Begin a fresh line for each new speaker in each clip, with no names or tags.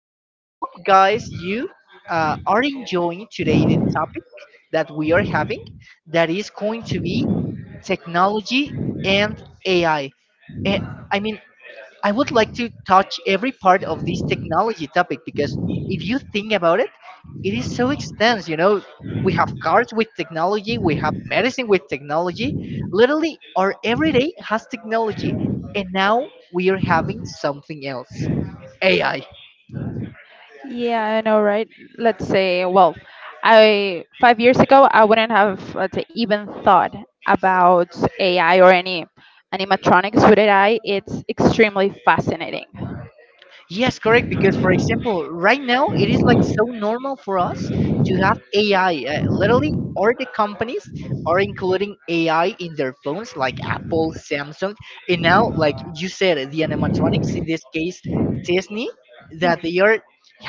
well, I hope guys you are enjoying today the topic that we are having, that is going to be technology and AI. Eh, I mean, I would like to touch every part of this technology topic because if you think about it, it is so extensive. You know, we have cars with technology, we have medicine with technology. Literally, our everyday has technology, and now we are having something else, AI.
Yeah, I know, right? Let's say, well, I 5 years ago I wouldn't have, let's say, even thought about AI or any animatronics with AI. It's extremely fascinating.
Yes, correct. Because, for example, right now it is like so normal for us to have AI. Literally, all the companies are including AI in their phones, like Apple, Samsung, and now, like you said, the animatronics, in this case, Disney, that they are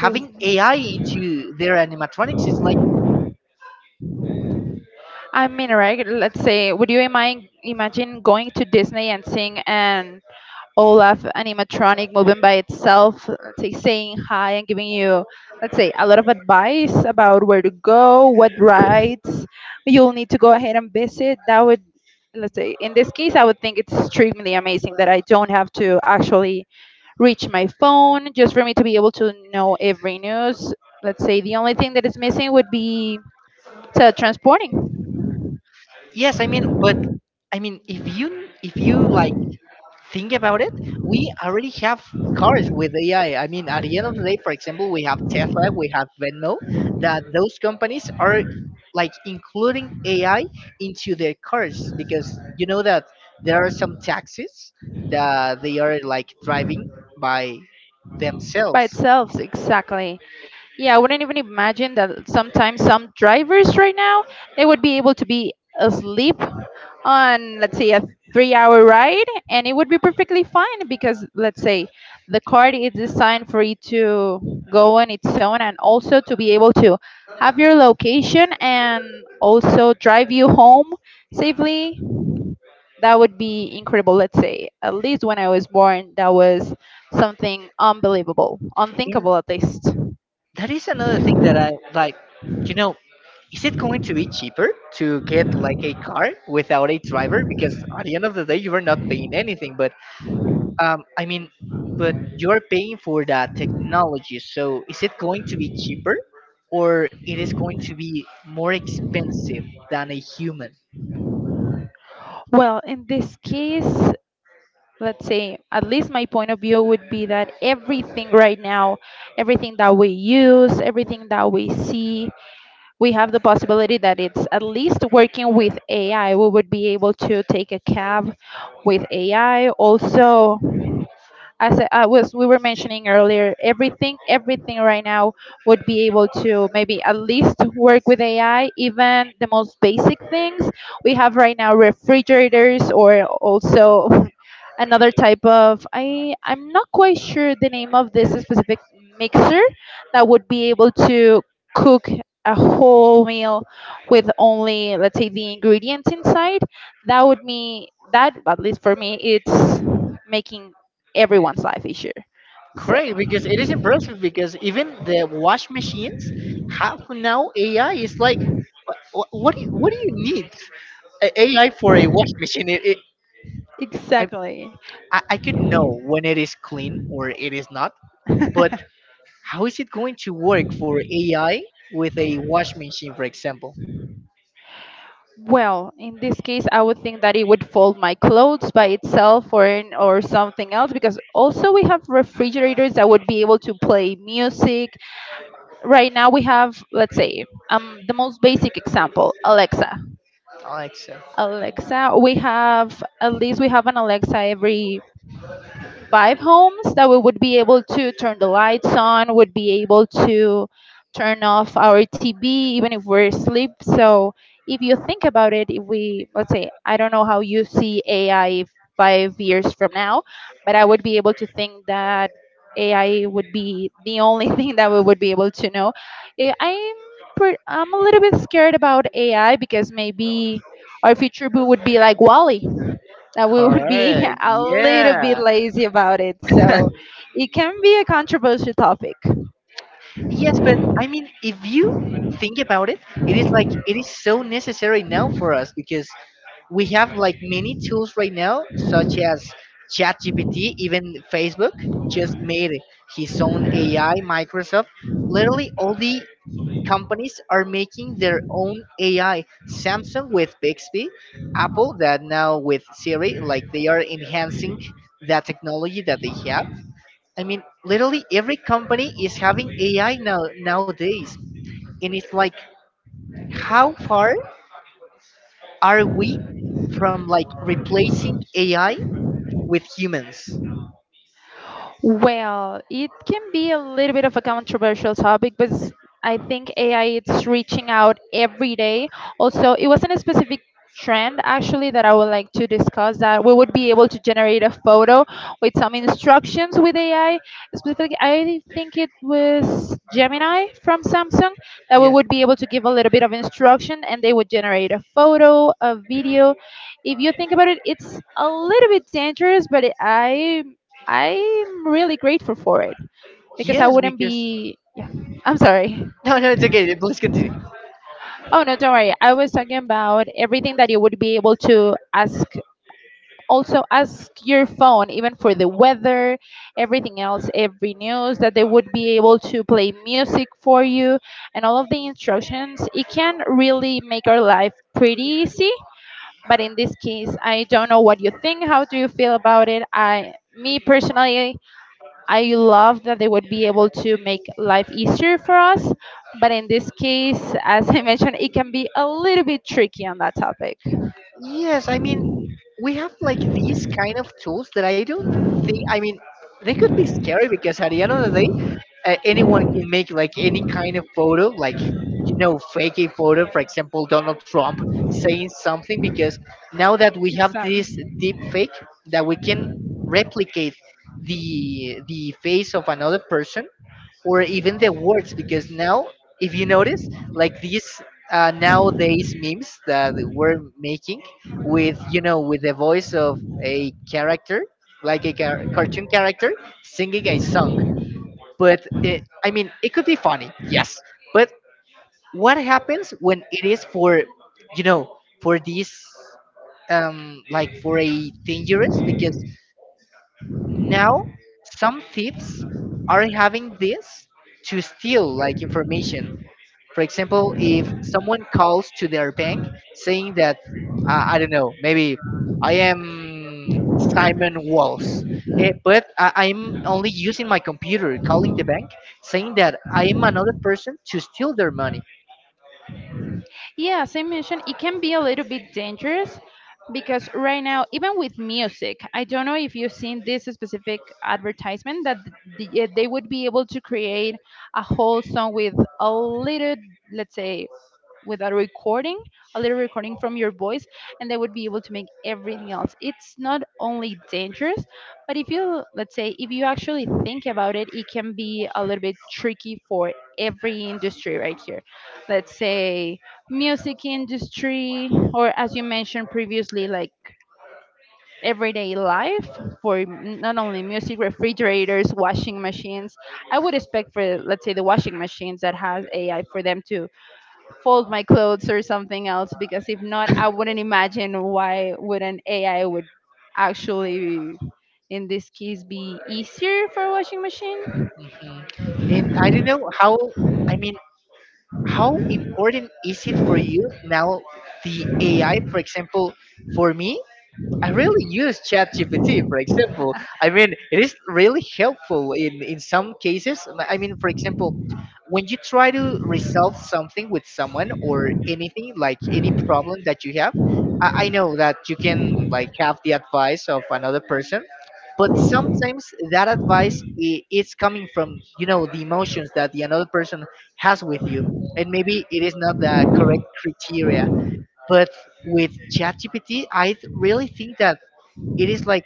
Do you-
AI into their animatronics. It's like,
I mean, right? Let's say, would you imagine going to Disney and seeing an Olaf animatronic moving by itself, let's say saying hi and giving you, let's say, a lot of advice about where to go, what rides you'll need to go ahead and visit. That would, let's say, in this case, I would think it's extremely amazing that I don't have to actually reach my phone just for me to be able to know every news. Let's say the only thing that is missing would be teletransporting
yes, I mean, but I mean, if you like think about it, we already have cars with AI. I mean, at the end of the day, for example, we have Tesla, we have Venmo, that those companies are like including AI into their cars because you know that there are some taxis that they are like driving by
by
themselves.
itself, exactly. Yeah, I wouldn't even imagine that sometimes some drivers right now they would be able to be asleep on, let's say, a 3 hour ride, and it would be perfectly fine because, let's say, the car is designed for you to go on its own and also to be able to have your location and also drive you home safely. That would be incredible, let's say. At least when I was born, that was something unbelievable,
And
unthinkable at least.
that is another thing that I like, you know, is it going to be cheaper to get like a car without a driver? Because at the end of the day, you are not paying anything, but I mean, but you're paying for that technology, so is it going to be cheaper or it is going to be more expensive than a human?
Well, in this case, let's say, at least my point of view would be that everything right now, everything that we use, everything that we see, we have the possibility that it's at least working with AI. We would be able to take a cab with AI. Also, as we were mentioning earlier, everything right now would be able to maybe at least work with AI, even the most basic things. We have right now refrigerators or also another type of, I'm not quite sure the name of this specific mixer that would be able to cook a whole meal with only, let's say, the ingredients inside, that would mean that at least for me it's making everyone's life issue. So,
Correct, because it is impressive because even the wash machines have now AI. It's like, what do you need a AI for a wash machine? I,
exactly.
I could know when it is clean or it is not, but how is it going to work for AI with a wash machine, for example?
Well, in this case, I would think that it would fold my clothes by itself, or in, or something else, because also we have refrigerators that would be able to play music. Right now we have, let's say, the most basic example, Alexa.
Alexa.
Alexa, we have at least we have an Alexa every five homes that we would be able to turn the lights on, would be able to turn off our TV even if we're asleep. So if you think about it, if we, let's say, I don't know how you see AI 5 years from now, but I would be able to think that AI would be the only thing that we would be able to know. Eh, I'm I'm a little bit scared about AI because maybe our future boo would be like Wally, that we would be
Correct.
a little
Yeah.
bit lazy about it. So it can be a controversial topic.
Yes, but I mean, if you think about it, it is like it is so necessary now for us because we have like many tools right now, such as ChatGPT, even Facebook just made his own AI. Microsoft, literally all the companies are making their own AI. Samsung with Bixby, Apple that now with Siri, like they are enhancing that technology that they have. I mean, literally every company is having AI now nowadays, and it's like, how far are we from like replacing AI with humans?
Well, it can be a little bit of a controversial topic, but I think AI it's reaching out every day. Also, it wasn't a specific trend actually that I would like to discuss, that we would be able to generate a photo with some instructions with AI. Specifically, I think it was Gemini from Samsung, that we
Yeah.
would be able to give a little bit of instruction and they would generate a photo, a video. If you think about it, it's a little bit dangerous, but it, I I'm really grateful for it because I
Yes,
wouldn't
because
be. Yeah, I'm sorry.
no, no, it's okay. Please continue.
Oh no, don't worry. I was talking about everything that you would be able to ask. Also, ask your phone, even for the weather, everything else, every news that they would be able to play music for you and all of the instructions. It can really make our life pretty easy. But in this case, I don't know what you think. How do you feel about it? Me personally, I love that they would be able to make life easier for us. But in this case, as I mentioned, it can be a little bit tricky on that topic.
Yes, I mean, we have like these kind of tools that I don't think. I mean, they could be scary because at the end of the day, anyone can make like any kind of photo, like you know, fake a photo. For example, Donald Trump saying something because now that we have this
Exactly.
deep fake that we can replicate the face of another person or even the words because now if you notice like these nowadays memes that we're making with you know with the voice of a character like a cartoon character singing a song, but I mean it could be funny, yes, but what happens when it is for you know for this like for a dangerous because now some thieves are having this to steal like information, for example, if someone calls to their bank saying that, I don't know, maybe I am Simon Walls, but I'm only using my computer, calling the bank, saying that I am another person to steal their money.
Yeah, as I mentioned, it can be a little bit dangerous because right now, even with music, I don't know if you've seen this specific advertisement that they would be able to create a whole song with a little, let's say, with a recording, a little recording from your voice, and they would be able to make everything else. It's not only dangerous, but if you, let's say, if you actually think about it, it can be a little bit tricky for every industry right here. Let's say music industry, or as you mentioned previously, like everyday life for not only music, refrigerators, washing machines. I would expect for, let's say, the washing machines that has AI for them to fold my clothes or something else, because if not, I wouldn't imagine why would an AI would actually in this case be easier for a washing machine.
Mhm. And I don't know how, I mean, how important is it for you now, the AI, for example, for me? I really use ChatGPT, for example. I mean, it is really helpful in some cases. I mean, for example, when you try to resolve something with someone or anything like any problem that you have, I know that you can like have the advice of another person, but sometimes that advice is coming from you know the emotions that the another person has with you, and maybe it is not the correct criteria. But with ChatGPT, I really think that it is like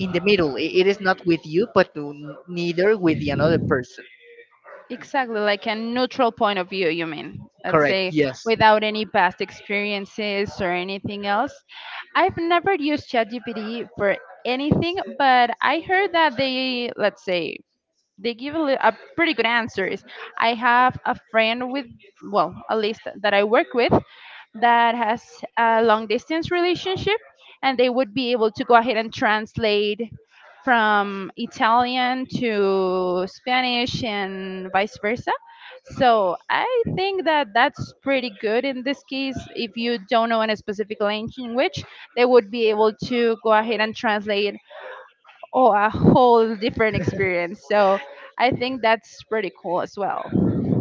in the middle, it is not with you but neither with the another person.
Exactly, like a neutral point of view, you mean, I'd
Correct,
say,
yes.
without any past experiences or anything else. I've never used ChatGPT for anything, but I heard that they, let's say, they give a pretty good answers. I have a friend with, well, a list that I work with that has a long distance relationship, and they would be able to go ahead and translate from Italian to Spanish and vice versa. So I think that that's pretty good in this case. If you don't know a specific language, they would be able to go ahead and translate, oh, a whole different experience. So I think that's pretty cool as well.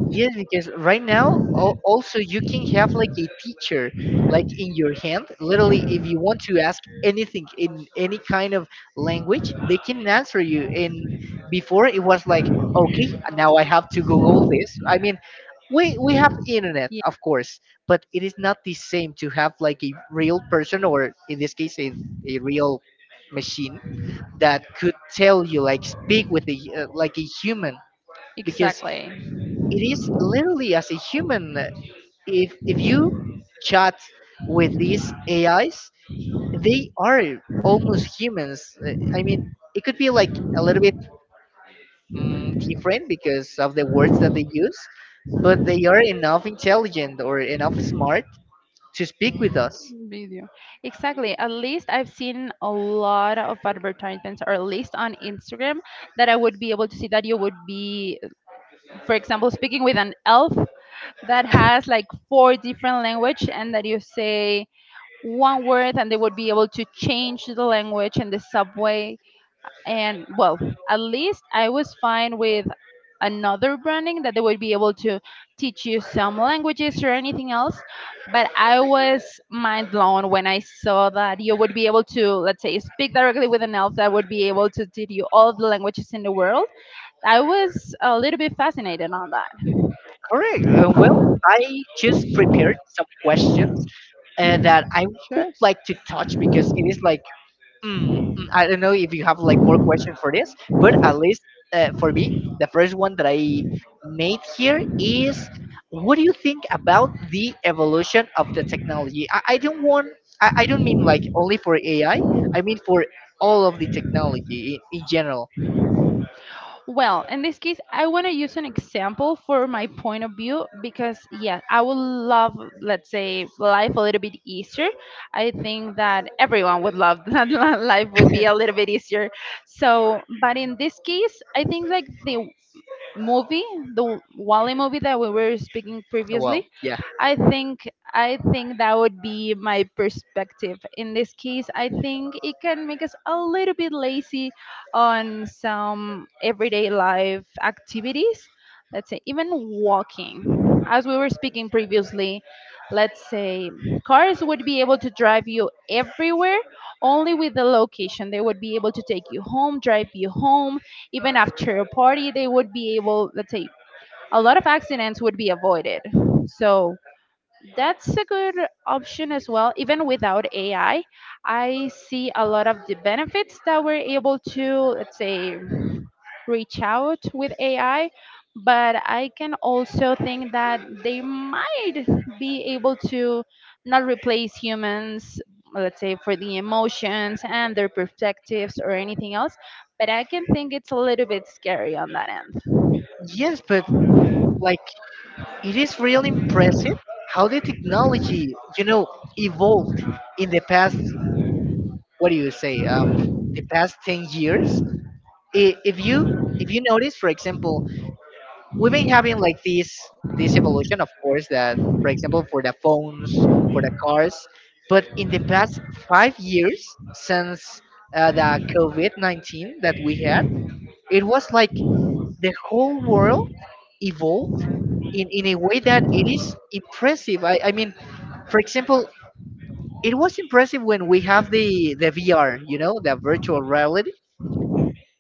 Yes, because right now also you can have like a teacher like in your hand. Literally, if you want to ask anything in any kind of language, they can answer you. And before it was like, okay, now I have to Google this. I mean, we have internet,
Yeah.
of course, but it is not the same to have like a real person or in this case a real machine that could tell you like speak with a like a human because
Exactly.
it is literally as a human, if you chat with these AIs they are almost humans. I mean it could be like a little bit different because of the words that they use, but they are enough intelligent or enough smart to speak with us.
Video. Exactly. At least I've seen a lot of advertisements, or at least on Instagram, that I would be able to see that you would be, for example, speaking with an elf that has like four different language, and that you say one word, and they would be able to change the language in the subway. And, well, at least I was fine with another branding that they would be able to teach you some languages or anything else, but I was mind blown when I saw that you would be able to, let's say, speak directly with an elf that would be able to teach you all of the languages in the world. I was a little bit fascinated on that.
Correct. Well, I just prepared some questions that I would
Sure.
like to touch because it is like I don't know if you have like more questions for this, but at least for me, the first one that I made here is, what do you think about the evolution of the technology? I don't want, I don't mean like only for AI, I mean for all of the technology in general.
Well, in this case, I want to use an example for my point of view because, yeah, I would love, let's say, life a little bit easier. I think that everyone would love that life would be a little bit easier. So, but in this case, I think like the movie, the Wally movie that we were speaking
Well,
previously,
yeah.
I think that would be my perspective. In this case, I think it can make us a little bit lazy on some everyday life activities. Let's say even walking. As we were speaking previously, let's say cars would be able to drive you everywhere only with the location. They would be able to take you home, drive you home, even after a party. They would be able, let's say, a lot of accidents would be avoided. So that's a good option as well. Even without AI, I see a lot of the benefits that we're able to, let's say, reach out with AI. But I can also think that they might be able to not replace humans, let's say, for the emotions and their perspectives or anything else. But I can think it's a little bit scary on that end.
Yes, but like it is really impressive how the technology, you know, evolved in the past, what do you say, the past 10 years, if you notice, for example, we've been having like this evolution, of course, that for example for the phones, for the cars, but in the past 5 years since the COVID-19 that we had, it was like the whole world evolved in a way that it is impressive. I mean, for example, it was impressive when we have the VR, you know, the virtual reality,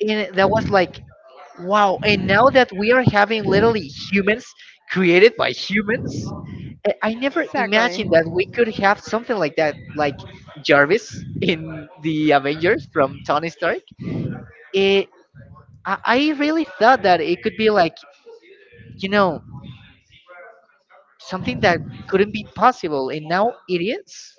and that was like wow. And now that we are having literally humans created by humans, I never
Exactly.
imagined that we could have something like that, like Jarvis in the Avengers from Tony Stark. It, I really thought that it could be like, you know, something that couldn't be possible, and now it is.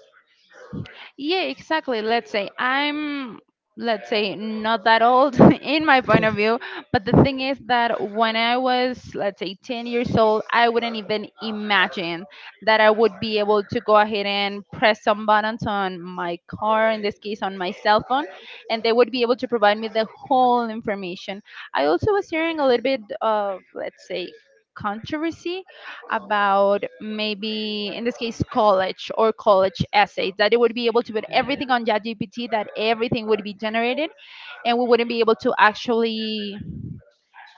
Yeah, exactly. Let's say I'm, let's say, not that old in my point of view, but the thing is that when I was, let's say, 10 years old, I wouldn't even imagine that I would be able to go ahead and press some buttons on my car, in this case, on my cell phone, and they would be able to provide me the whole information. I also was hearing a little bit of, let's say, controversy about maybe in this case college or college essays that it would be able to put everything on ChatGPT, that everything would be generated and we wouldn't be able to actually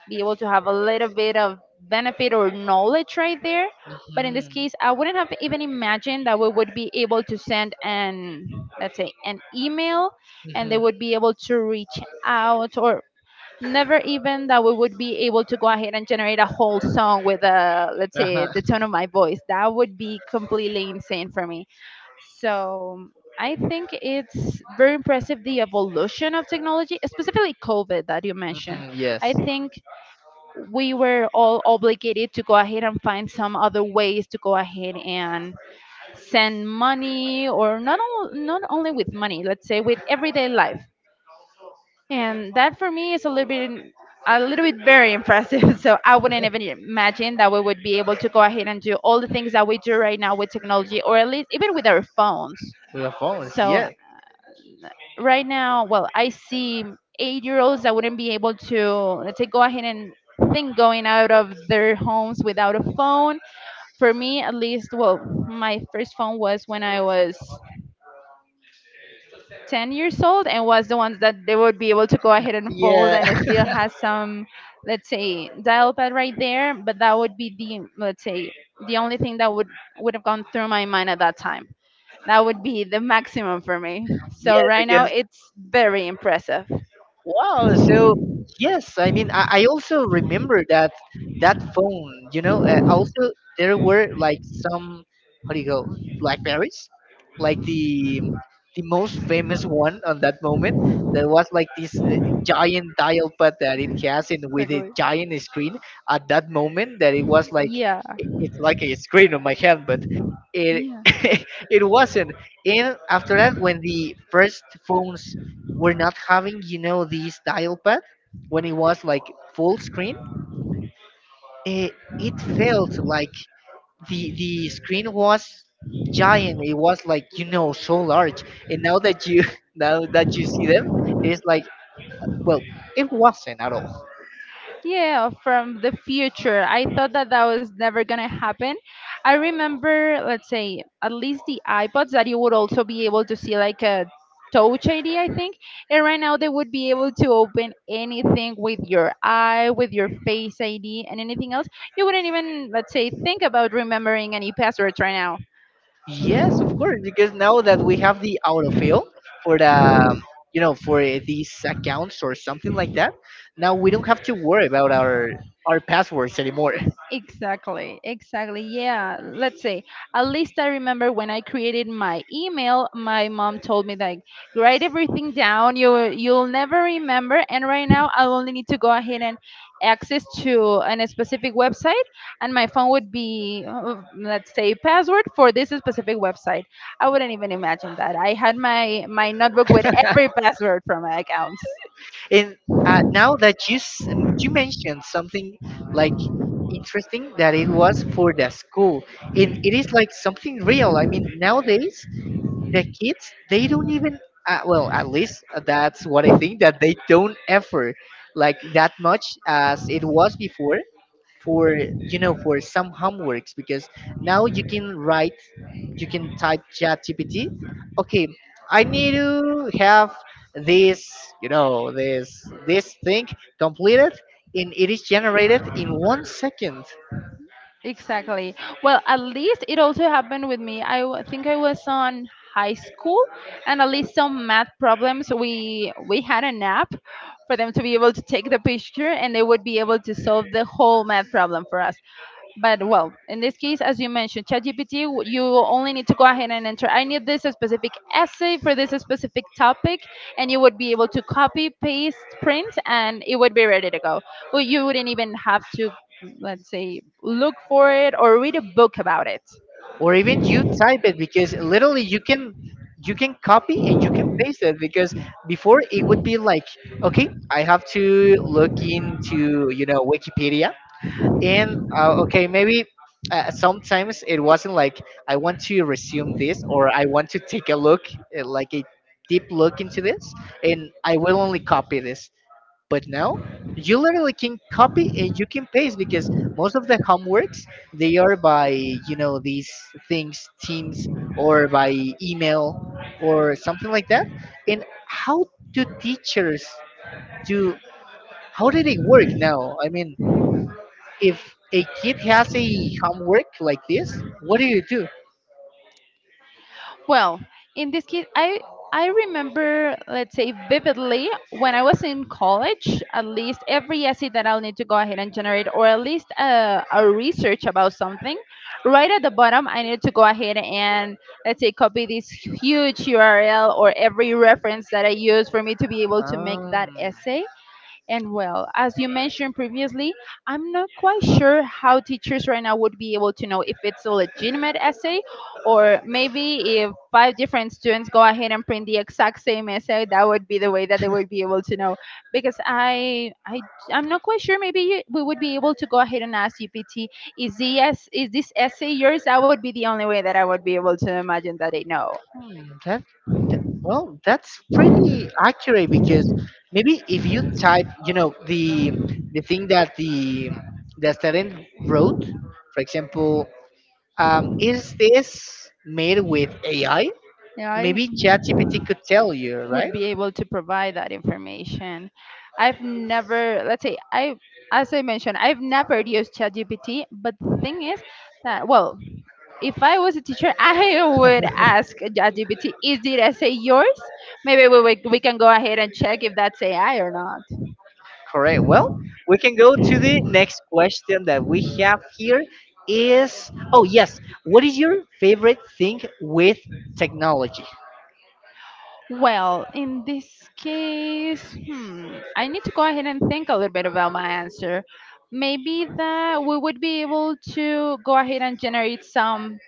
be able to have a little bit of benefit or knowledge right there. But in this
Mhm.
case I wouldn't have even imagined that we would be able to send an, let's say, an email, and they
Mhm.
would be able to reach out, or never even that we would be able to go ahead and generate a whole song with let's say
Uh-huh.
the tone of my voice. That would be completely insane for me. So I think it's very impressive, the evolution of technology, specifically COVID that you mentioned.
Mhm. Yes,
I think we were all obligated to go ahead and find some other ways to go ahead and send money, or not all, not only with money, let's say with everyday life. And that for me is a little bit very impressive. So I wouldn't even imagine that we would be able to go ahead and do all the things that we do right now with technology, or at least even with our phones.
the phones,
So
yes.
right now, well, I see 8 year olds that wouldn't be able to, let's say, go ahead and think going out of their homes without a phone. For me at least, well, my first phone was when I was 10 years old, and was the ones that they would be able to go ahead and fold,
Yeah.
and it still has some, let's say, dial pad right there. But that would be the, let's say, the only thing that would have gone through my mind at that time. That would be the maximum for me. So
Yeah.
right now it's very impressive.
Wow. So yes, I mean, I also remember that that phone. You know, also there were like some how do you go Blackberries, like the most famous one on that moment. There was like this giant dial pad that it has, and with a
Exactly.
giant screen at that moment, that it was like
Yeah.
it's like a screen on my hand, but it
Yeah.
it wasn't. And after that, when the first phones we're not having you know this dial pad, when it was like full screen, it, it felt like the screen was giant, it was like you know so large, and now that you now that you see them, it's like, well, it wasn't at all.
Yeah, from the future. I thought that that was never going to happen. I remember, let's say, at least the iPods that you would also be able to see like a touch ID, I think. And right now they would be able to open anything with your eye, with your face ID, and anything else. You wouldn't even, let's say, think about remembering any passwords right now.
Yes, of course, because now that we have the autofill for the you know for these accounts or something like that, now we don't have to worry about our passwords anymore.
Exactly, exactly. Yeah, let's say at least I remember when I created my email, my mom told me like, write everything down. You'll never remember. And right now I only need to go ahead and access to an specific website, and my phone would be, let's say, password for this specific website. I wouldn't even imagine that. I had my notebook with every password for my accounts.
And now that you mentioned something like interesting that it was for the school, and it is like something real. I mean, nowadays the kids, they don't even well, at least that's what I think, that they don't effort like that much as it was before for you know for some homeworks, because now you can write, you can type ChatGPT, okay, I need to have this, you know, this thing completed, and it is generated in 1 second.
Exactly. Well, at least it also happened with me. Think I was on high school, and at least some math problems we had an app for them to be able to take the picture, and they would be able to solve the whole math problem for us. But well, in this case, as you mentioned, ChatGPT, you only need to go ahead and enter, I need this specific essay for this specific topic, and you would be able to copy, paste, print, and it would be ready to go. Well, you wouldn't even have to, let's say, look for it or read a book about it.
Or even you type it because literally you can copy, and you can paste it because before it would be like, okay, I have to look into you know wikipedia, and okay, maybe sometimes it wasn't like, I want to resume this, or I want to take a look, like a deep look into this, and I will only copy this. But now you literally can copy, and you can paste because most of the homeworks they are by you know these things Teams, or by email, or something like that. And how do teachers do? How did it work now? I mean, if a kid has a homework like this, what do you do?
Well, in this case, I remember, let's say, vividly when I was in college. At least every essay that I'll need to go ahead and generate, or at least a research about something, right at the bottom, I needed to go ahead and, let's say, copy this huge URL or every reference that I use for me to be able to make
Um,
that essay. And well, as you mentioned previously, I'm not quite sure how teachers right now would be able to know if it's a legitimate essay, or maybe if five different students go ahead and print the exact same essay, that would be the way that they would be able to know. Because I I'm not quite sure. Maybe we would be able to go ahead and ask GPT, is the is this essay yours? That would be the only way that I would be able to imagine that they know.
Hmm, that's pretty accurate because maybe if you type, you know, the thing that the student wrote, for example, is this made with AI?
Yeah. I
Maybe ChatGPT could tell you,
would
right?
be able to provide that information. I've never, let's say, I, as I mentioned, I've never used ChatGPT, but the thing is that, well, if I was a teacher, I would ask ChatGPT, is the essay yours? Maybe we can go ahead and check if that's AI or not.
Correct. Well, we can go to the next question that we have here. Is oh yes, what is your favorite thing with technology?
Well, in this case, hmm, I need to go ahead and think a little bit about my answer. Maybe that we would be able to go ahead and generate some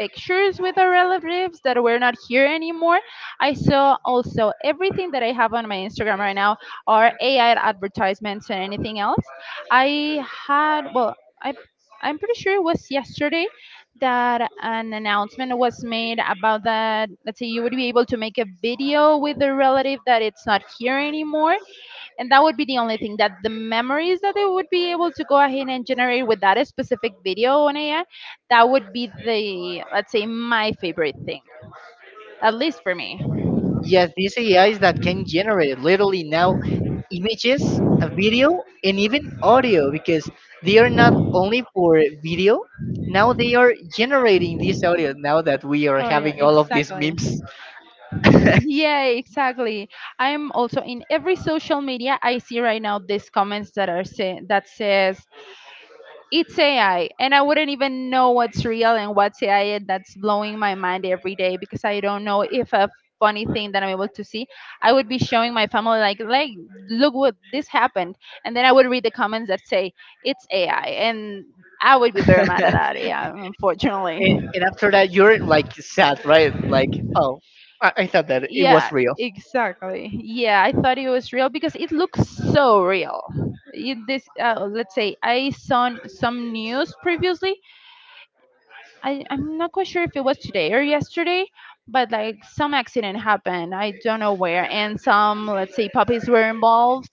pictures with our relatives that were not here anymore. I saw also everything that I have on my Instagram right now are AI advertisements and anything else. I had, well, I, I'm pretty sure it was yesterday that an announcement was made about that, let's say, you would be able to make a video with the relative that it's not here anymore, and that would be the only thing, that the memories that they would be able to go ahead and generate with that specific video on AI, that would be the, let's say, my favorite thing, at least for me.
Yes, these AIs that can generate literally now images, a video, and even audio because they are not only for video. Now they are generating this audio now that we are
Totally,
having all of these
exactly.
memes. and,
Yeah, exactly. I'm also in every social media I see right now these comments that are say that says it's AI, and I wouldn't even know what's real and what's AI. And that's blowing my mind every day, because I don't know if a funny thing that I'm able to see, I would be showing my family like, look what this happened, and then I would read the comments that say it's AI, and I would be very mad at that. Yeah, unfortunately.
and after that, you're like sad, right? Like, oh, I thought that it
Yeah,
was real.
exactly. Yeah, I thought it was real because it looks so real. It, this, let's say, I saw some news previously. I'm not quite sure if it was today or yesterday, but like some accident happened. I don't know where, and some, let's say, puppies were involved.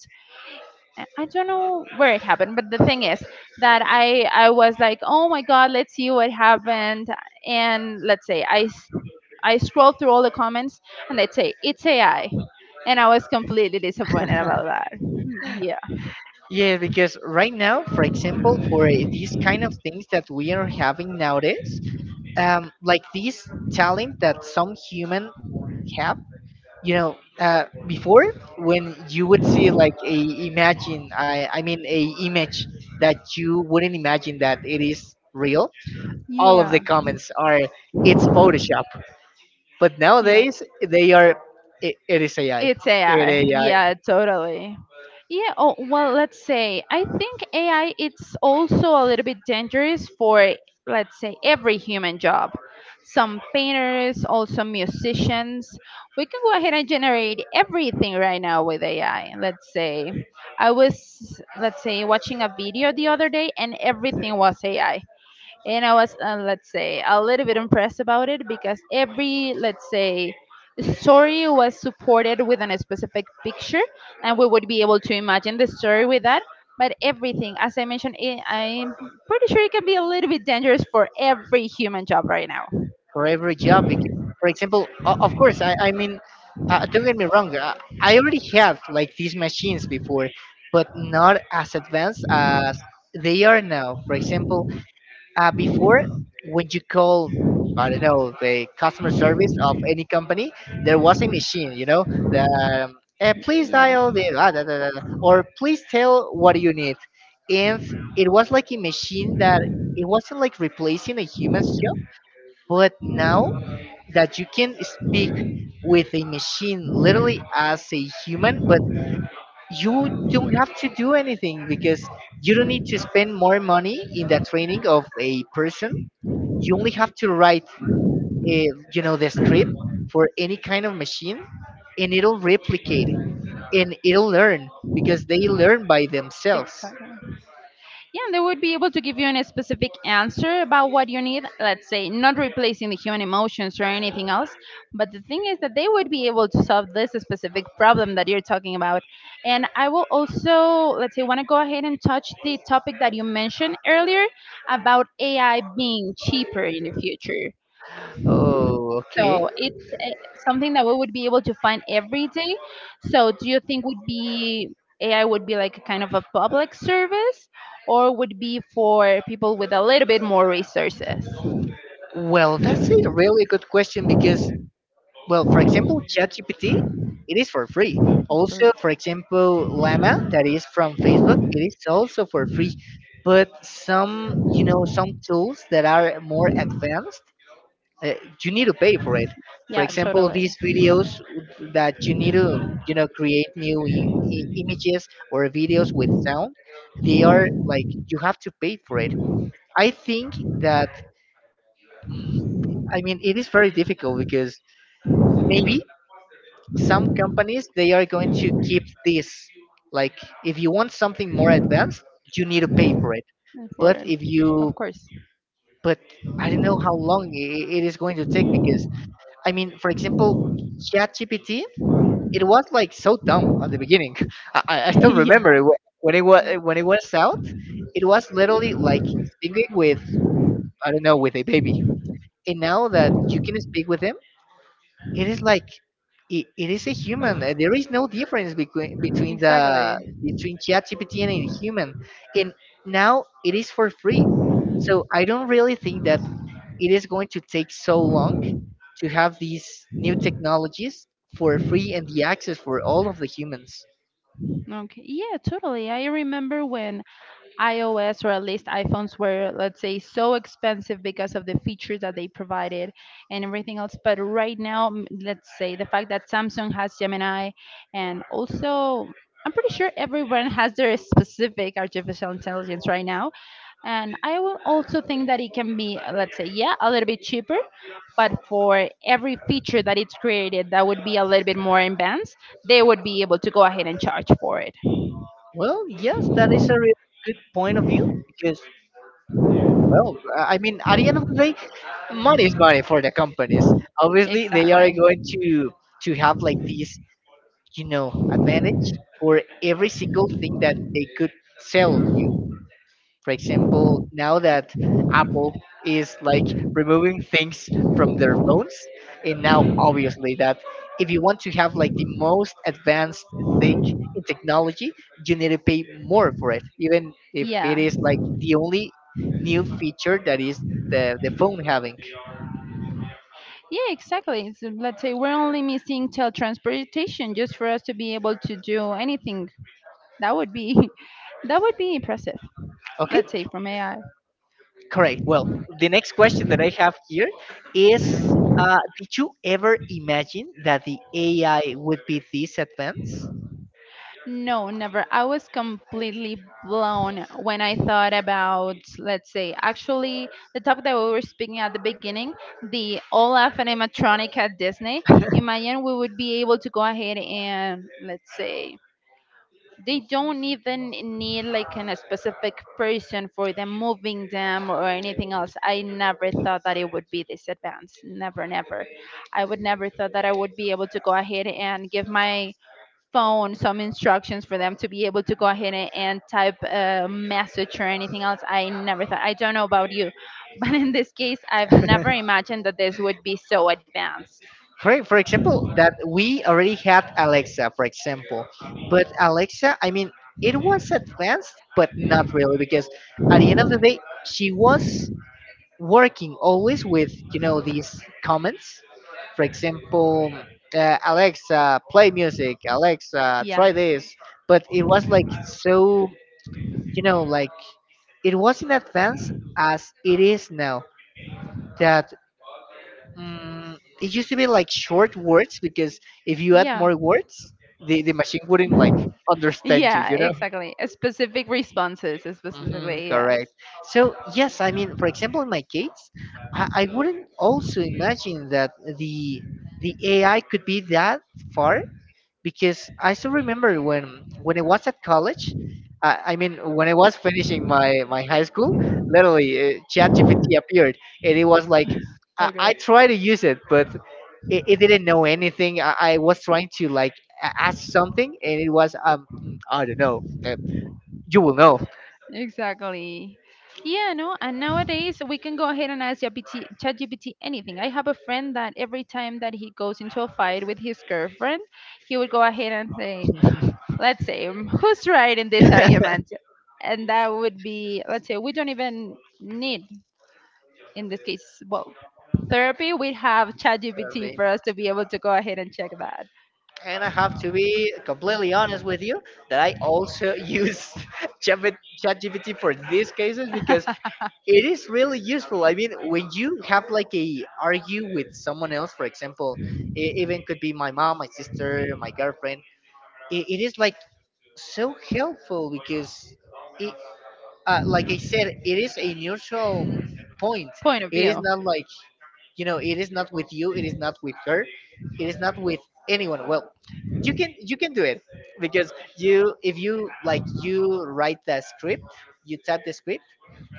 I don't know where it happened, but the thing is that I was like, oh my god, let's see what happened, and, let's say, I scrolled through all the comments and they'd say it's AI, and I was completely disappointed about that. Yeah,
Yeah, because right now, for example, for these kind of things that we are having nowadays, like this talent that some human have, you know, before, when you would see like a imagine I mean a image that you wouldn't imagine that it is real, all of the
yeah,
comments are it's photoshop, but
yeah.
nowadays they are, it is AI,
It's
it
AI.
ai
Yeah, totally. Yeah, oh, well, let's say I think AI it's also a little bit dangerous for, let's say, every human job. Some painters, also musicians. We can go ahead and generate everything right now with AI. Let's say I was let's say watching a video the other day and everything was AI, and I was, let's say, a little bit impressed about it, because every, let's say, story was supported with a specific picture, and we would be able to imagine the story with that. But everything, as I mentioned, I'm pretty sure it can be a little bit dangerous for every human job right now.
for every job. Because, for example, of course, I mean, don't get me wrong, I already have like these machines before, but not as advanced as they are now. For example, before, when you call, I don't know, the customer service of any company, there was a machine, you know, the um, please
Yeah.
dial the ah, da, da, da, da, or please tell what you need. And it was like a machine that it wasn't like replacing a human's job. But now that you can speak with a machine literally as a human, but you don't have to do anything because you don't need to spend more money in the training of a person. You only have to write a, you know, the script for any kind of machine, and it'll replicate, and it'll learn because they learn by themselves.
Exactly. Yeah, and they would be able to give you a specific answer about what you need. Let's say not replacing the human emotions or anything else, but the thing is that they would be able to solve this specific problem that you're talking about. And I will also, let's say, want to go ahead and touch the topic that you mentioned earlier about AI being cheaper in the future.
Oh, okay.
So it's something that we would be able to find every day. So do you think would be, AI would be like a kind of a public service, or would be for people with a little bit more resources?
Well, that's a really good question because, well, for example, ChatGPT, it is for free.
Or-
Also, for example, Llama, that is from Facebook, it is also for free. But some, you know, some tools that are more advanced, uh, you need to pay for it. For
yeah,
example,
totally.
these videos that you need to, you know, create new images or videos with sound, they are like you have to pay for it. I think that, I mean, it is very difficult because maybe some companies they are going to keep this, like, if you want something more advanced, you need to pay for it.
And for,
But if
of
you
course.
But I don't know how long it is going to take because, I mean, for example, ChatGPT, it was like so dumb at the beginning. I still
Yeah.
remember it, when it was,
e-
when it was out. It was literally like speaking with, I don't know, with a baby. And now that you can speak with him, it is like, it is a human. There is no difference between between the
Exactly.
between ChatGPT and a human. And now it is for free. So I don't really think that it is going to take so long to have these new technologies for free and the access for all of the humans.
Okay. Yeah, totally. I remember when iOS, or at least iPhones, were, let's say, so expensive because of the features that they provided and everything else. But right now, let's say the fact that Samsung has Gemini and also. I'm pretty sure everyone has their specific artificial intelligence right now. And I will also think that it can be, let's say, yeah, a little bit cheaper, but for every feature that it's created that would be a little bit more advanced, they would be able to go ahead and charge for it.
Well, yes, that is a really good point of view because, well, I mean, at the end of the day, money is money for the companies. Obviously, they are
Exactly.
going to have like this, you know, advantage for every single thing that they could sell you. For example, now that Apple is like removing things from their phones, and now obviously that if you want to have like the most advanced thing in technology, you need to pay more for it, even if it
Yeah.
is like the only new feature that is the phone having.
Yeah, exactly. So let's say we're only missing teletransportation just for us to be able to do anything. That would be that would be impressive.
Okay,
Let's say from AI.
correct. Well, the next question that I have here is did you ever imagine that the AI would be this advanced?
No, never. I was completely blown when I thought about, let's say, actually the topic that we were speaking at the beginning, the Olaf animatronic at Disney. Imagine we would be able to go ahead and, let's say, they don't even need like a specific person for them moving them or anything else. I never thought that it would be this advanced. Never, never. I would never thought that I would be able to go ahead and give my phone some instructions for them to be able to go ahead and type a message or anything else. I never thought, I don't know about you, but in this case I've never imagined that this would be so advanced.
For example, that we already had Alexa, for example, but Alexa, I mean, it was advanced, but not really, because at the end of the day, she was working always with, you know, these comments. For example, Alexa, play music. Alexa,
Yeah.
try this. But it was like so, you know, like it was in advance as it is now. That mm, it used to be like short words because if you add
Yeah.
more words, the machine wouldn't like understand you,
Yeah,
you know?
exactly. A specific responses,
Hmm,
specifically, yes.
correct. So, yes, I mean, for example, in my case, I wouldn't also imagine that the the AI could be that far because I still remember when I was at college. I mean, when I was finishing my, my high school, literally ChatGPT appeared, and it was like I
Okay.
try to use it, but it didn't know anything. I was trying to like ask something, and it was um, "Mm, I don't know. You will know."
Exactly. Yeah, no, and nowadays we can go ahead and ask GPT, ChatGPT anything. I have a friend that every time that he goes into a fight with his girlfriend, he would go ahead and say, let's say, "Mm, who's right in this argument?" And that would be, let's say, we don't even need, in this case, well, therapy. We have ChatGPT
Sorry.
for us to be able to go ahead and check that
And I have to be completely honest with you that I also use Chat- ChatGPT for these cases because it is really useful. I mean, when you have like a argue with someone else, for example, it even could be my mom, my sister, my girlfriend. It is like so helpful because. It. Like I said, it is a neutral point.
point of
It is
view.
not like, you know, it is not with you. It is not with her. It is not with anyone. Well, you can do it because you if you like, you write the script, you type the script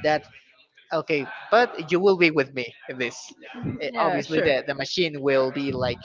that okay, but you will be with me in this. Eh,
Yeah,
obviously,
sure.
the machine will be like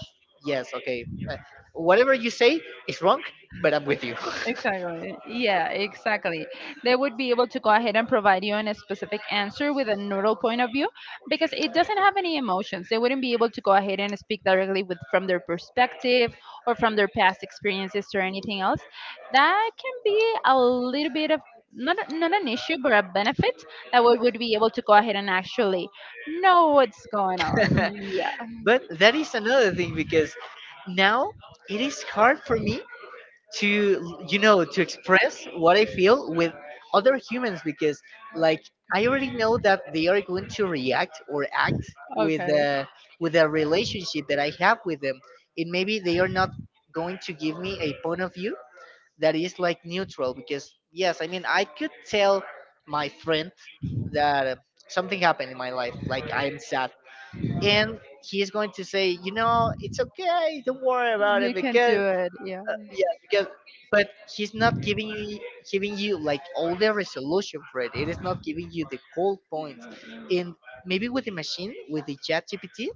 yes, okay, whatever you say is wrong, but I'm with you.
Exactly. Yeah, exactly. They would be able to go ahead and provide you on a specific answer with a neural point of view because it doesn't have any emotions. They wouldn't be able to go ahead and speak directly with from their perspective or from their past experiences or anything else. That can be a little bit of not an issue but a benefit that we would be able to go ahead and actually know what's going on. Yeah.
But that is another thing because now it is hard for me to, you know, to express what I feel with other humans because, like, I already know that they are going to react or act with
Okay.
uh, with a relationship that I have with them, and maybe they are not going to give me a point of view that is like neutral. Because, yes, I mean, I could tell my friend that something happened in my life, like I'm sad, and he's going to say, you know, it's okay, don't worry about it
You can
because,
do it. Yeah.
yeah, because, but he's not giving you like all the resolution for it. It is not giving you the cold points. And maybe with the machine, with the chat GPT,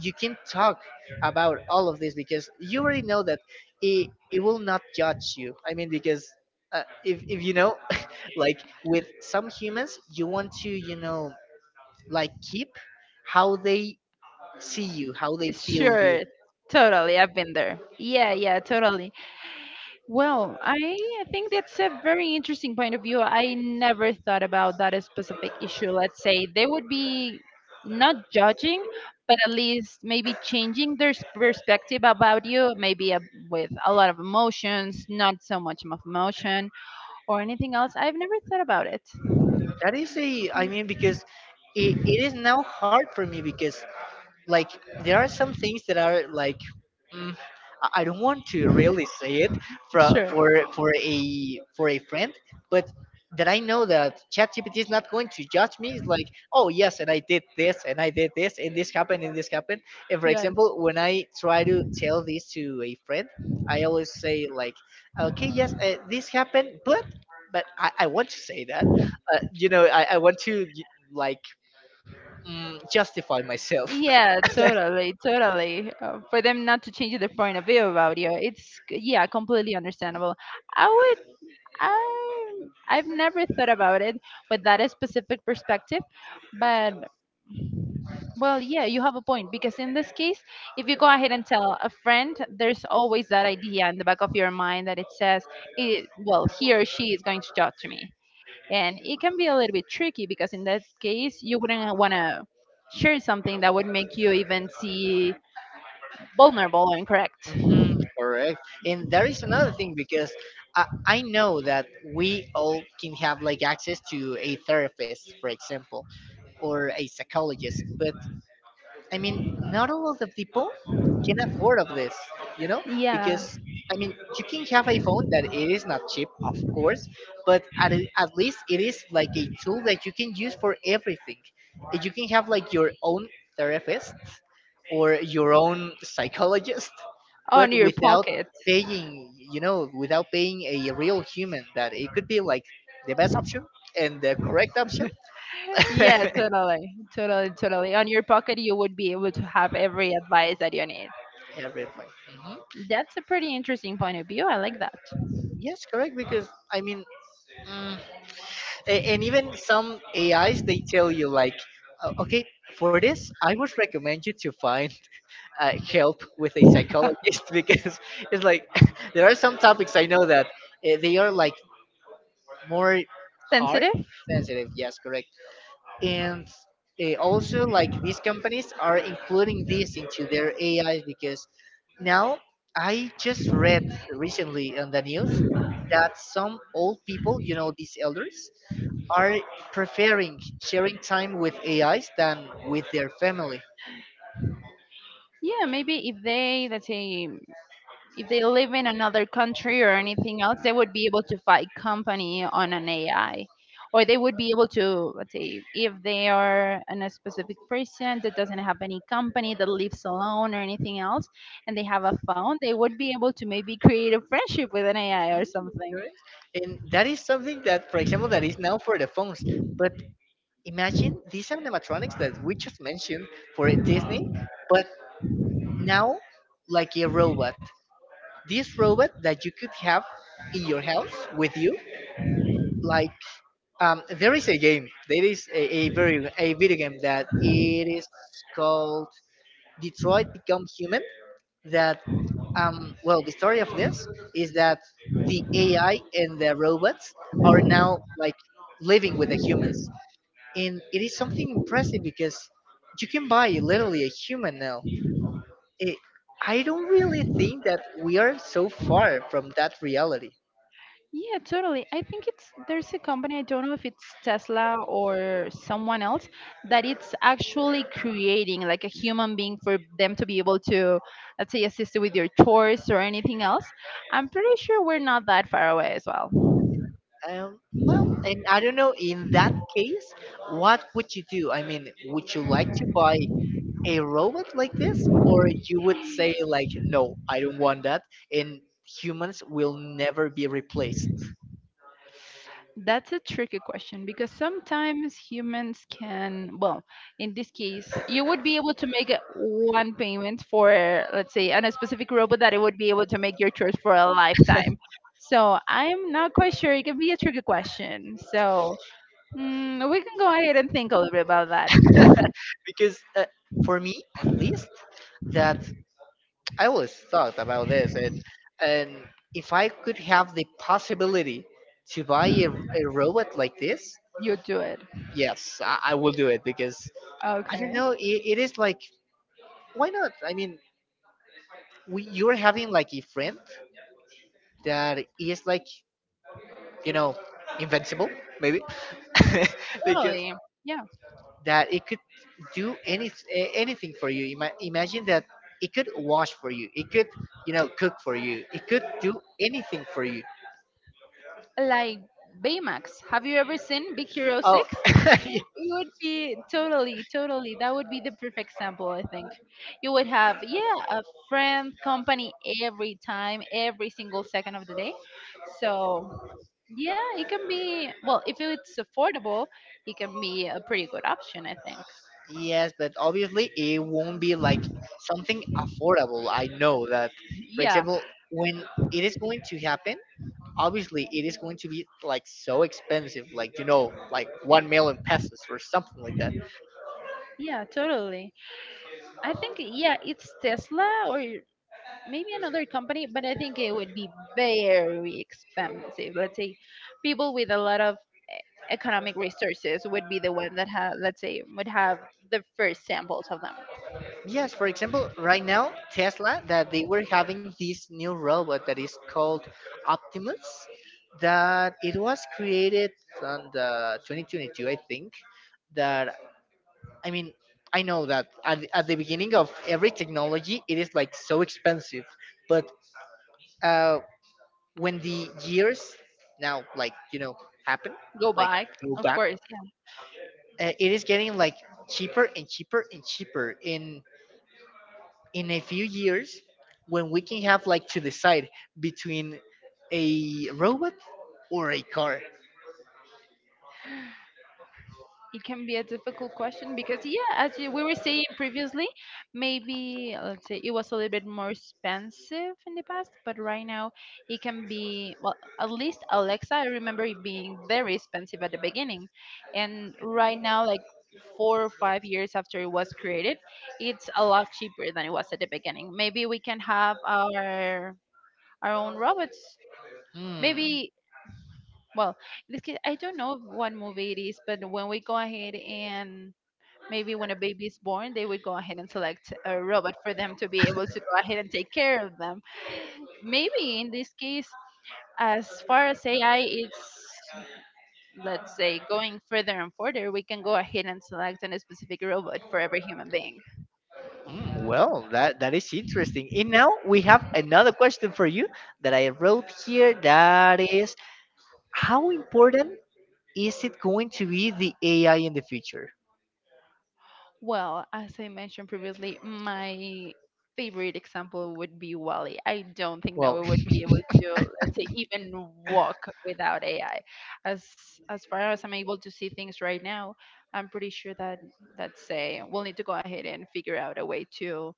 you can talk about all of this because you already know that it will not judge you. I mean, because if you know, like with some humans, you want to, you know, like keep how they see you, how they feel you.
Sure, totally. I've been there. Yeah, yeah, totally. Well, I think that's a very interesting point of view. I never thought about that specific issue. Let's say they would be not judging, but at least maybe changing their perspective about you, maybe a, with a lot of emotions, not so much of emotion or anything else. I've never thought about it.
That is a, I mean, because it is now hard for me because, like, there are some things that are like mm, I don't want to really say it for
Sure.
for for a for a friend, but that I know that ChatGPT is not going to judge me. It's like, oh yes, and I did this, and I did this, and this happened, and this happened. And for
Yes.
example, when I try to tell this to a friend, I always say like, okay, yes, this happened, but I want to say that, you know, I want to like justify myself.
Yeah, totally, totally. For them not to change their point of view about you, it's yeah, completely understandable. I would, I, I've never thought about it with that specific perspective, but well, yeah, you have a point because in this case, if you go ahead and tell a friend, there's always that idea in the back of your mind that it says, it, well, he or she is going to judge me, and it can be a little bit tricky because in that case, you wouldn't want to share something that would make you even see vulnerable and correct.
Mhm, correct. And there is another thing because I know that we all can have like access to a therapist, for example, or a psychologist, but, I mean, not all of the people can afford of this, you know,
Yeah.
because, I mean, you can have a phone that it is not cheap, of course, but at least it is like a tool that you can use for everything. And you can have like your own therapist or your own psychologist, but
On your
without
pocket.
paying, you know, without paying a real human that it could be like the best option and the correct option.
Yeah, totally, totally, totally. On your pocket, you would be able to have every advice that you need.
Everything. Mm-hmm.
That's a pretty interesting point of view. I like that.
Yes, correct. Because, I mean, mm, and even some AIs they tell you like, okay, for this I would recommend you to find help with a psychologist, because it's like there are some topics I know that they are like more hard
Sensitive?
sensitive. Yes, correct. And also like these companies are including this into their AI because now I just read recently on the news that some old people, you know, these elders, are preferring sharing time with AIs than with their family.
Yeah, maybe if they, let's say, if they live in another country or anything else, they would be able to fight company on an AI. Or they would be able to, let's say, if they are a specific person that doesn't have any company that lives alone or anything else, and they have a phone, they would be able to maybe create a friendship with an AI
Mm,
or something.
okay. And that is something that, for example, that is now for the phones. But imagine these animatronics that we just mentioned for Disney, but now like a robot. This robot that you could have in your house with you, like, there is a game, there is a video game that it is called Detroit Become Human. That Well, the story of this is that the AI and the robots are now, like, living with the humans, and it is something impressive because you can buy literally a human now. it, I don't really think that we are so far from that reality.
Yeah, totally. I think it's there's a company, I don't know if it's Tesla or someone else, that it's actually creating like a human being for them to be able to, let's say, assist you with your chores or anything else. I'm pretty sure we're not that far away as well.
Um, well, and I don't know, in that case, what would you do? I mean, would you like to buy a robot like this? Or you would say, like, no, I don't want that, and humans will never be replaced?
That's a tricky question because sometimes humans can, well, in this case, you would be able to make one payment for, let's say, on a specific robot that it would be able to make your chores for a lifetime. So I'm not quite sure. It can be a tricky question. So we can go ahead and think a little bit about that.
Because for me, at least, that I always thought about this, and if I could have the possibility to buy a robot like this,
You do it.
yes, I will do it. Because I don't
Okay.
know, it is like, why not? I mean, you're having like a friend that is like, you know, invincible maybe. Because
Totally. Yeah.
that it could do anything for you. Imagine that it could wash for you, it could, you know, cook for you, it could do anything for you.
Like Baymax. Have you ever seen Big Hero
Oh.
6? It would be totally, totally. That would be the perfect sample, I think. You would have, yeah, a friend, company every time, every single second of the day. So, yeah, it can be, well, if it's affordable, it can be a pretty good option, I think.
Yes, but obviously it won't be like something affordable, I know that. For
Yeah,
example, when it is going to happen, obviously it is going to be like so expensive, like, you know, like 1 million pesos or something like that.
yeah, totally. I think, yeah, it's Tesla or maybe another company, but I think it would be very expensive. Let's say people with a lot of e- economic resources would be the one that have, let's say, would have the first samples of them.
Yes, for example, right now Tesla, that they were having this new robot that is called Optimus, that it was created on the 2022, I think. That, I mean, I know that at the beginning of every technology it is like so expensive, but uh when the years, now, like, you know, happen,
Go
like
back,
go
of
back,
course.
it is getting like cheaper and cheaper and cheaper. In a few years, when we can have like to decide between a robot or a car.
It can be a difficult question because yeah, we were saying previously, maybe let's say it was a little bit more expensive in the past, but right now it can be, well, at least Alexa, I remember it being very expensive at the beginning, and right now, like, 4 or 5 years after it was created, it's a lot cheaper than it was at the beginning. Maybe we can have our own robots.
Hmm.
Maybe, well, in this case, I don't know what movie it is, but when we go ahead and maybe when a baby is born, they would go ahead and select a robot for them to be able to go ahead and take care of them. Maybe in this case, as far as AI, it's, let's say, going further and further, we can go ahead and select a specific robot for every human being.
Mm, well, that that is interesting, and now we have another question for you that I wrote here, that is, how important is it going to be the AI in the future?
Well, as I mentioned previously, my favorite example would be Wally. I don't think that
Well.
we would be able to, let's say, even walk without AI. As as far as I'm able to see things right now, I'm pretty sure that, let's say, we'll need to go ahead and figure out a way to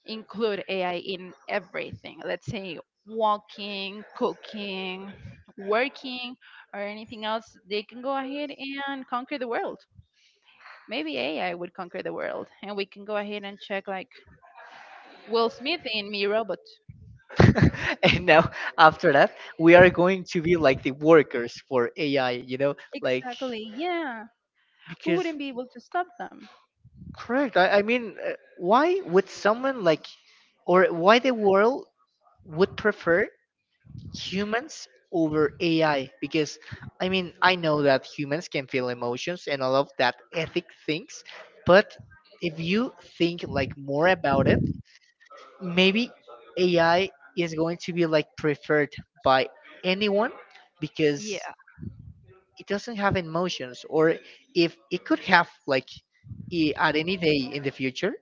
include AI in everything. Let's say walking, cooking, working, or anything else. They can go ahead and conquer the world. Maybe AI would conquer the world, and we can go ahead and check like Will Smith in Me Robot.
And now, after that, we are going to be like the workers for AI, you know, like.
Exactly. Yeah, we
Because
wouldn't be able to stop them.
correct. I mean, why would someone like, or why the world would prefer humans over AI? Because I mean, I know that humans can feel emotions and all of that ethic things, but if you think like more about it, maybe AI is going to be like preferred by anyone because
Yeah,
it doesn't have emotions, or if it could have like, at any day in the future,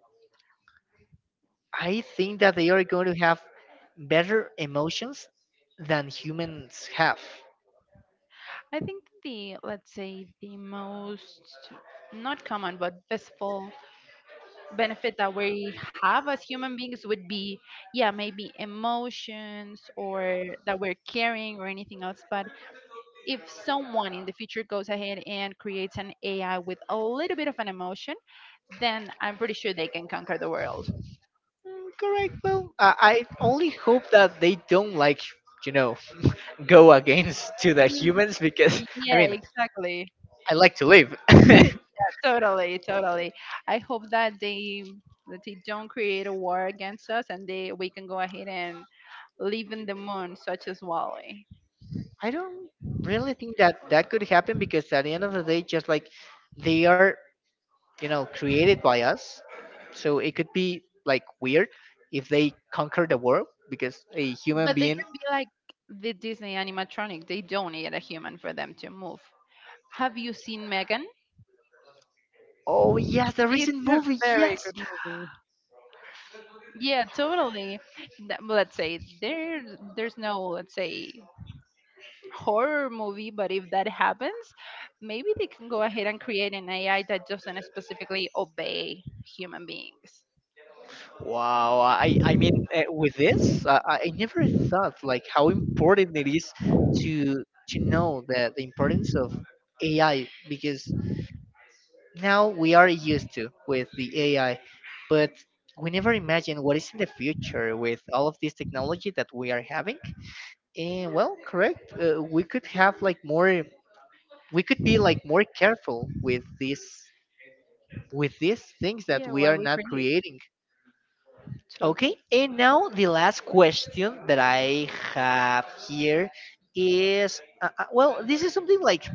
I think that they are going to have better emotions than humans have.
I think the, let's say, the most not common but visible benefit that we have as human beings would be, yeah, maybe emotions or that we're carrying or anything else, but if someone in the future goes ahead and creates an AI with a little bit of an emotion, then I'm pretty sure they can conquer the world.
Mm, correct. Well, I only hope that they don't, like, you know, go against to the
Mm,
humans. Because I
yeah,
mean,
exactly.
I like to live.
Yeah, totally, totally. I hope that they don't create a war against us and they we can go ahead and live in the moon such as Wally.
I don't really think that that could happen because at the end of the day, just like they are, you know, created by us, so it could be like weird if they conquer the world because a human
But they can
being.
be like the Disney animatronic. They don't need a human for them to move. Have you seen Megan?
Oh yes, the recent movie. Yes.
Yeah, totally. Well, let's say there's no, let's say, horror movie, but if that happens, maybe they can go ahead and create an AI that doesn't specifically obey human beings.
Wow. I mean, with this, I never thought like how important it is to to know the importance of AI. Because now we are used to with the AI, but we never imagine what is in the future with all of this technology that we are having. And well, correct. We could have like more. We could be like more careful with this, with these things that
Yeah,
we
why
are
we
not
create.
creating.
Totally.
Okay, and now the last question that I have here is, well, this is something like,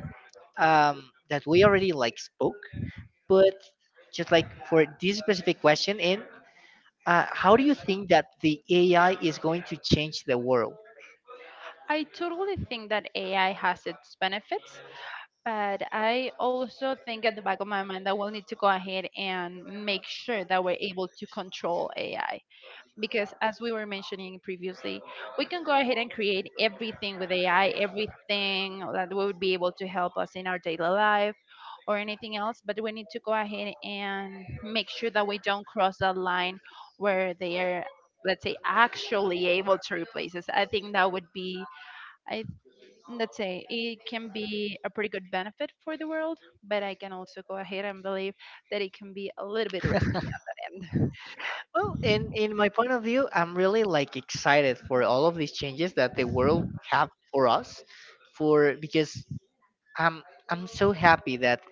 that we already like spoke, but just like for this specific question, and how do you think that the AI is going to change the world?
I totally think that AI has its benefits, but I also think at the back of my mind that we'll need to go ahead and make sure that we're able to control AI. Because as we were mentioning previously, we can go ahead and create everything with AI, everything that would be able to help us in our daily life or anything else, but we need to go ahead and make sure that we don't cross that line where they are, let's say, actually able to replace us. I think that would be, I, let's say, it can be a pretty good benefit for the world, but I can also go ahead and believe that it can be a little bit risky on that.
Well, in my point of view, I'm really like excited for all of these changes that the world have for us, for because I'm I'm so happy that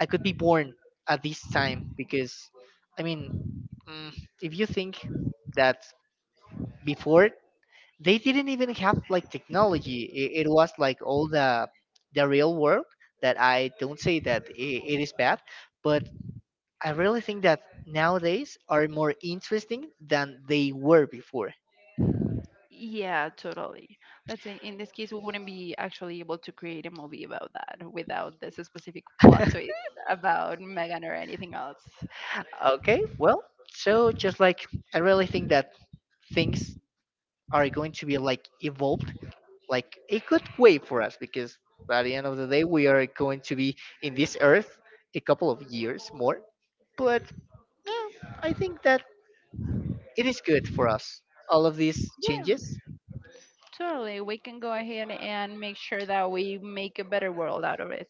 I could be born at this time. Because I mean, mm, if you think that before they didn't even have like technology, it was like all the real world. That I don't say that it is bad, but I really think that nowadays are more interesting than they were before.
Yeah, totally. Let's say in this case, we wouldn't be actually able to create a movie about that without this specific plot twist about Megan or anything else.
Okay, well, so just like, I really think that things are going to be like evolved, like a good way for us, because by the end of the day, we are going to be in this earth a couple of years more. But eh, I think that it is good for us, all of these
Yeah,
changes.
totally. We can go ahead and make sure that we make a better world out of it.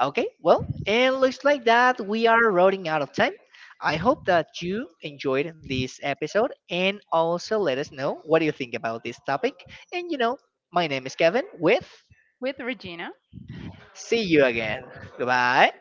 Okay, well, and looks like that we are running out of time. I hope that you enjoyed this episode, and also let us know what do you think about this topic. And you know, my name is Kevin, with
With Regina,
see you again. Goodbye.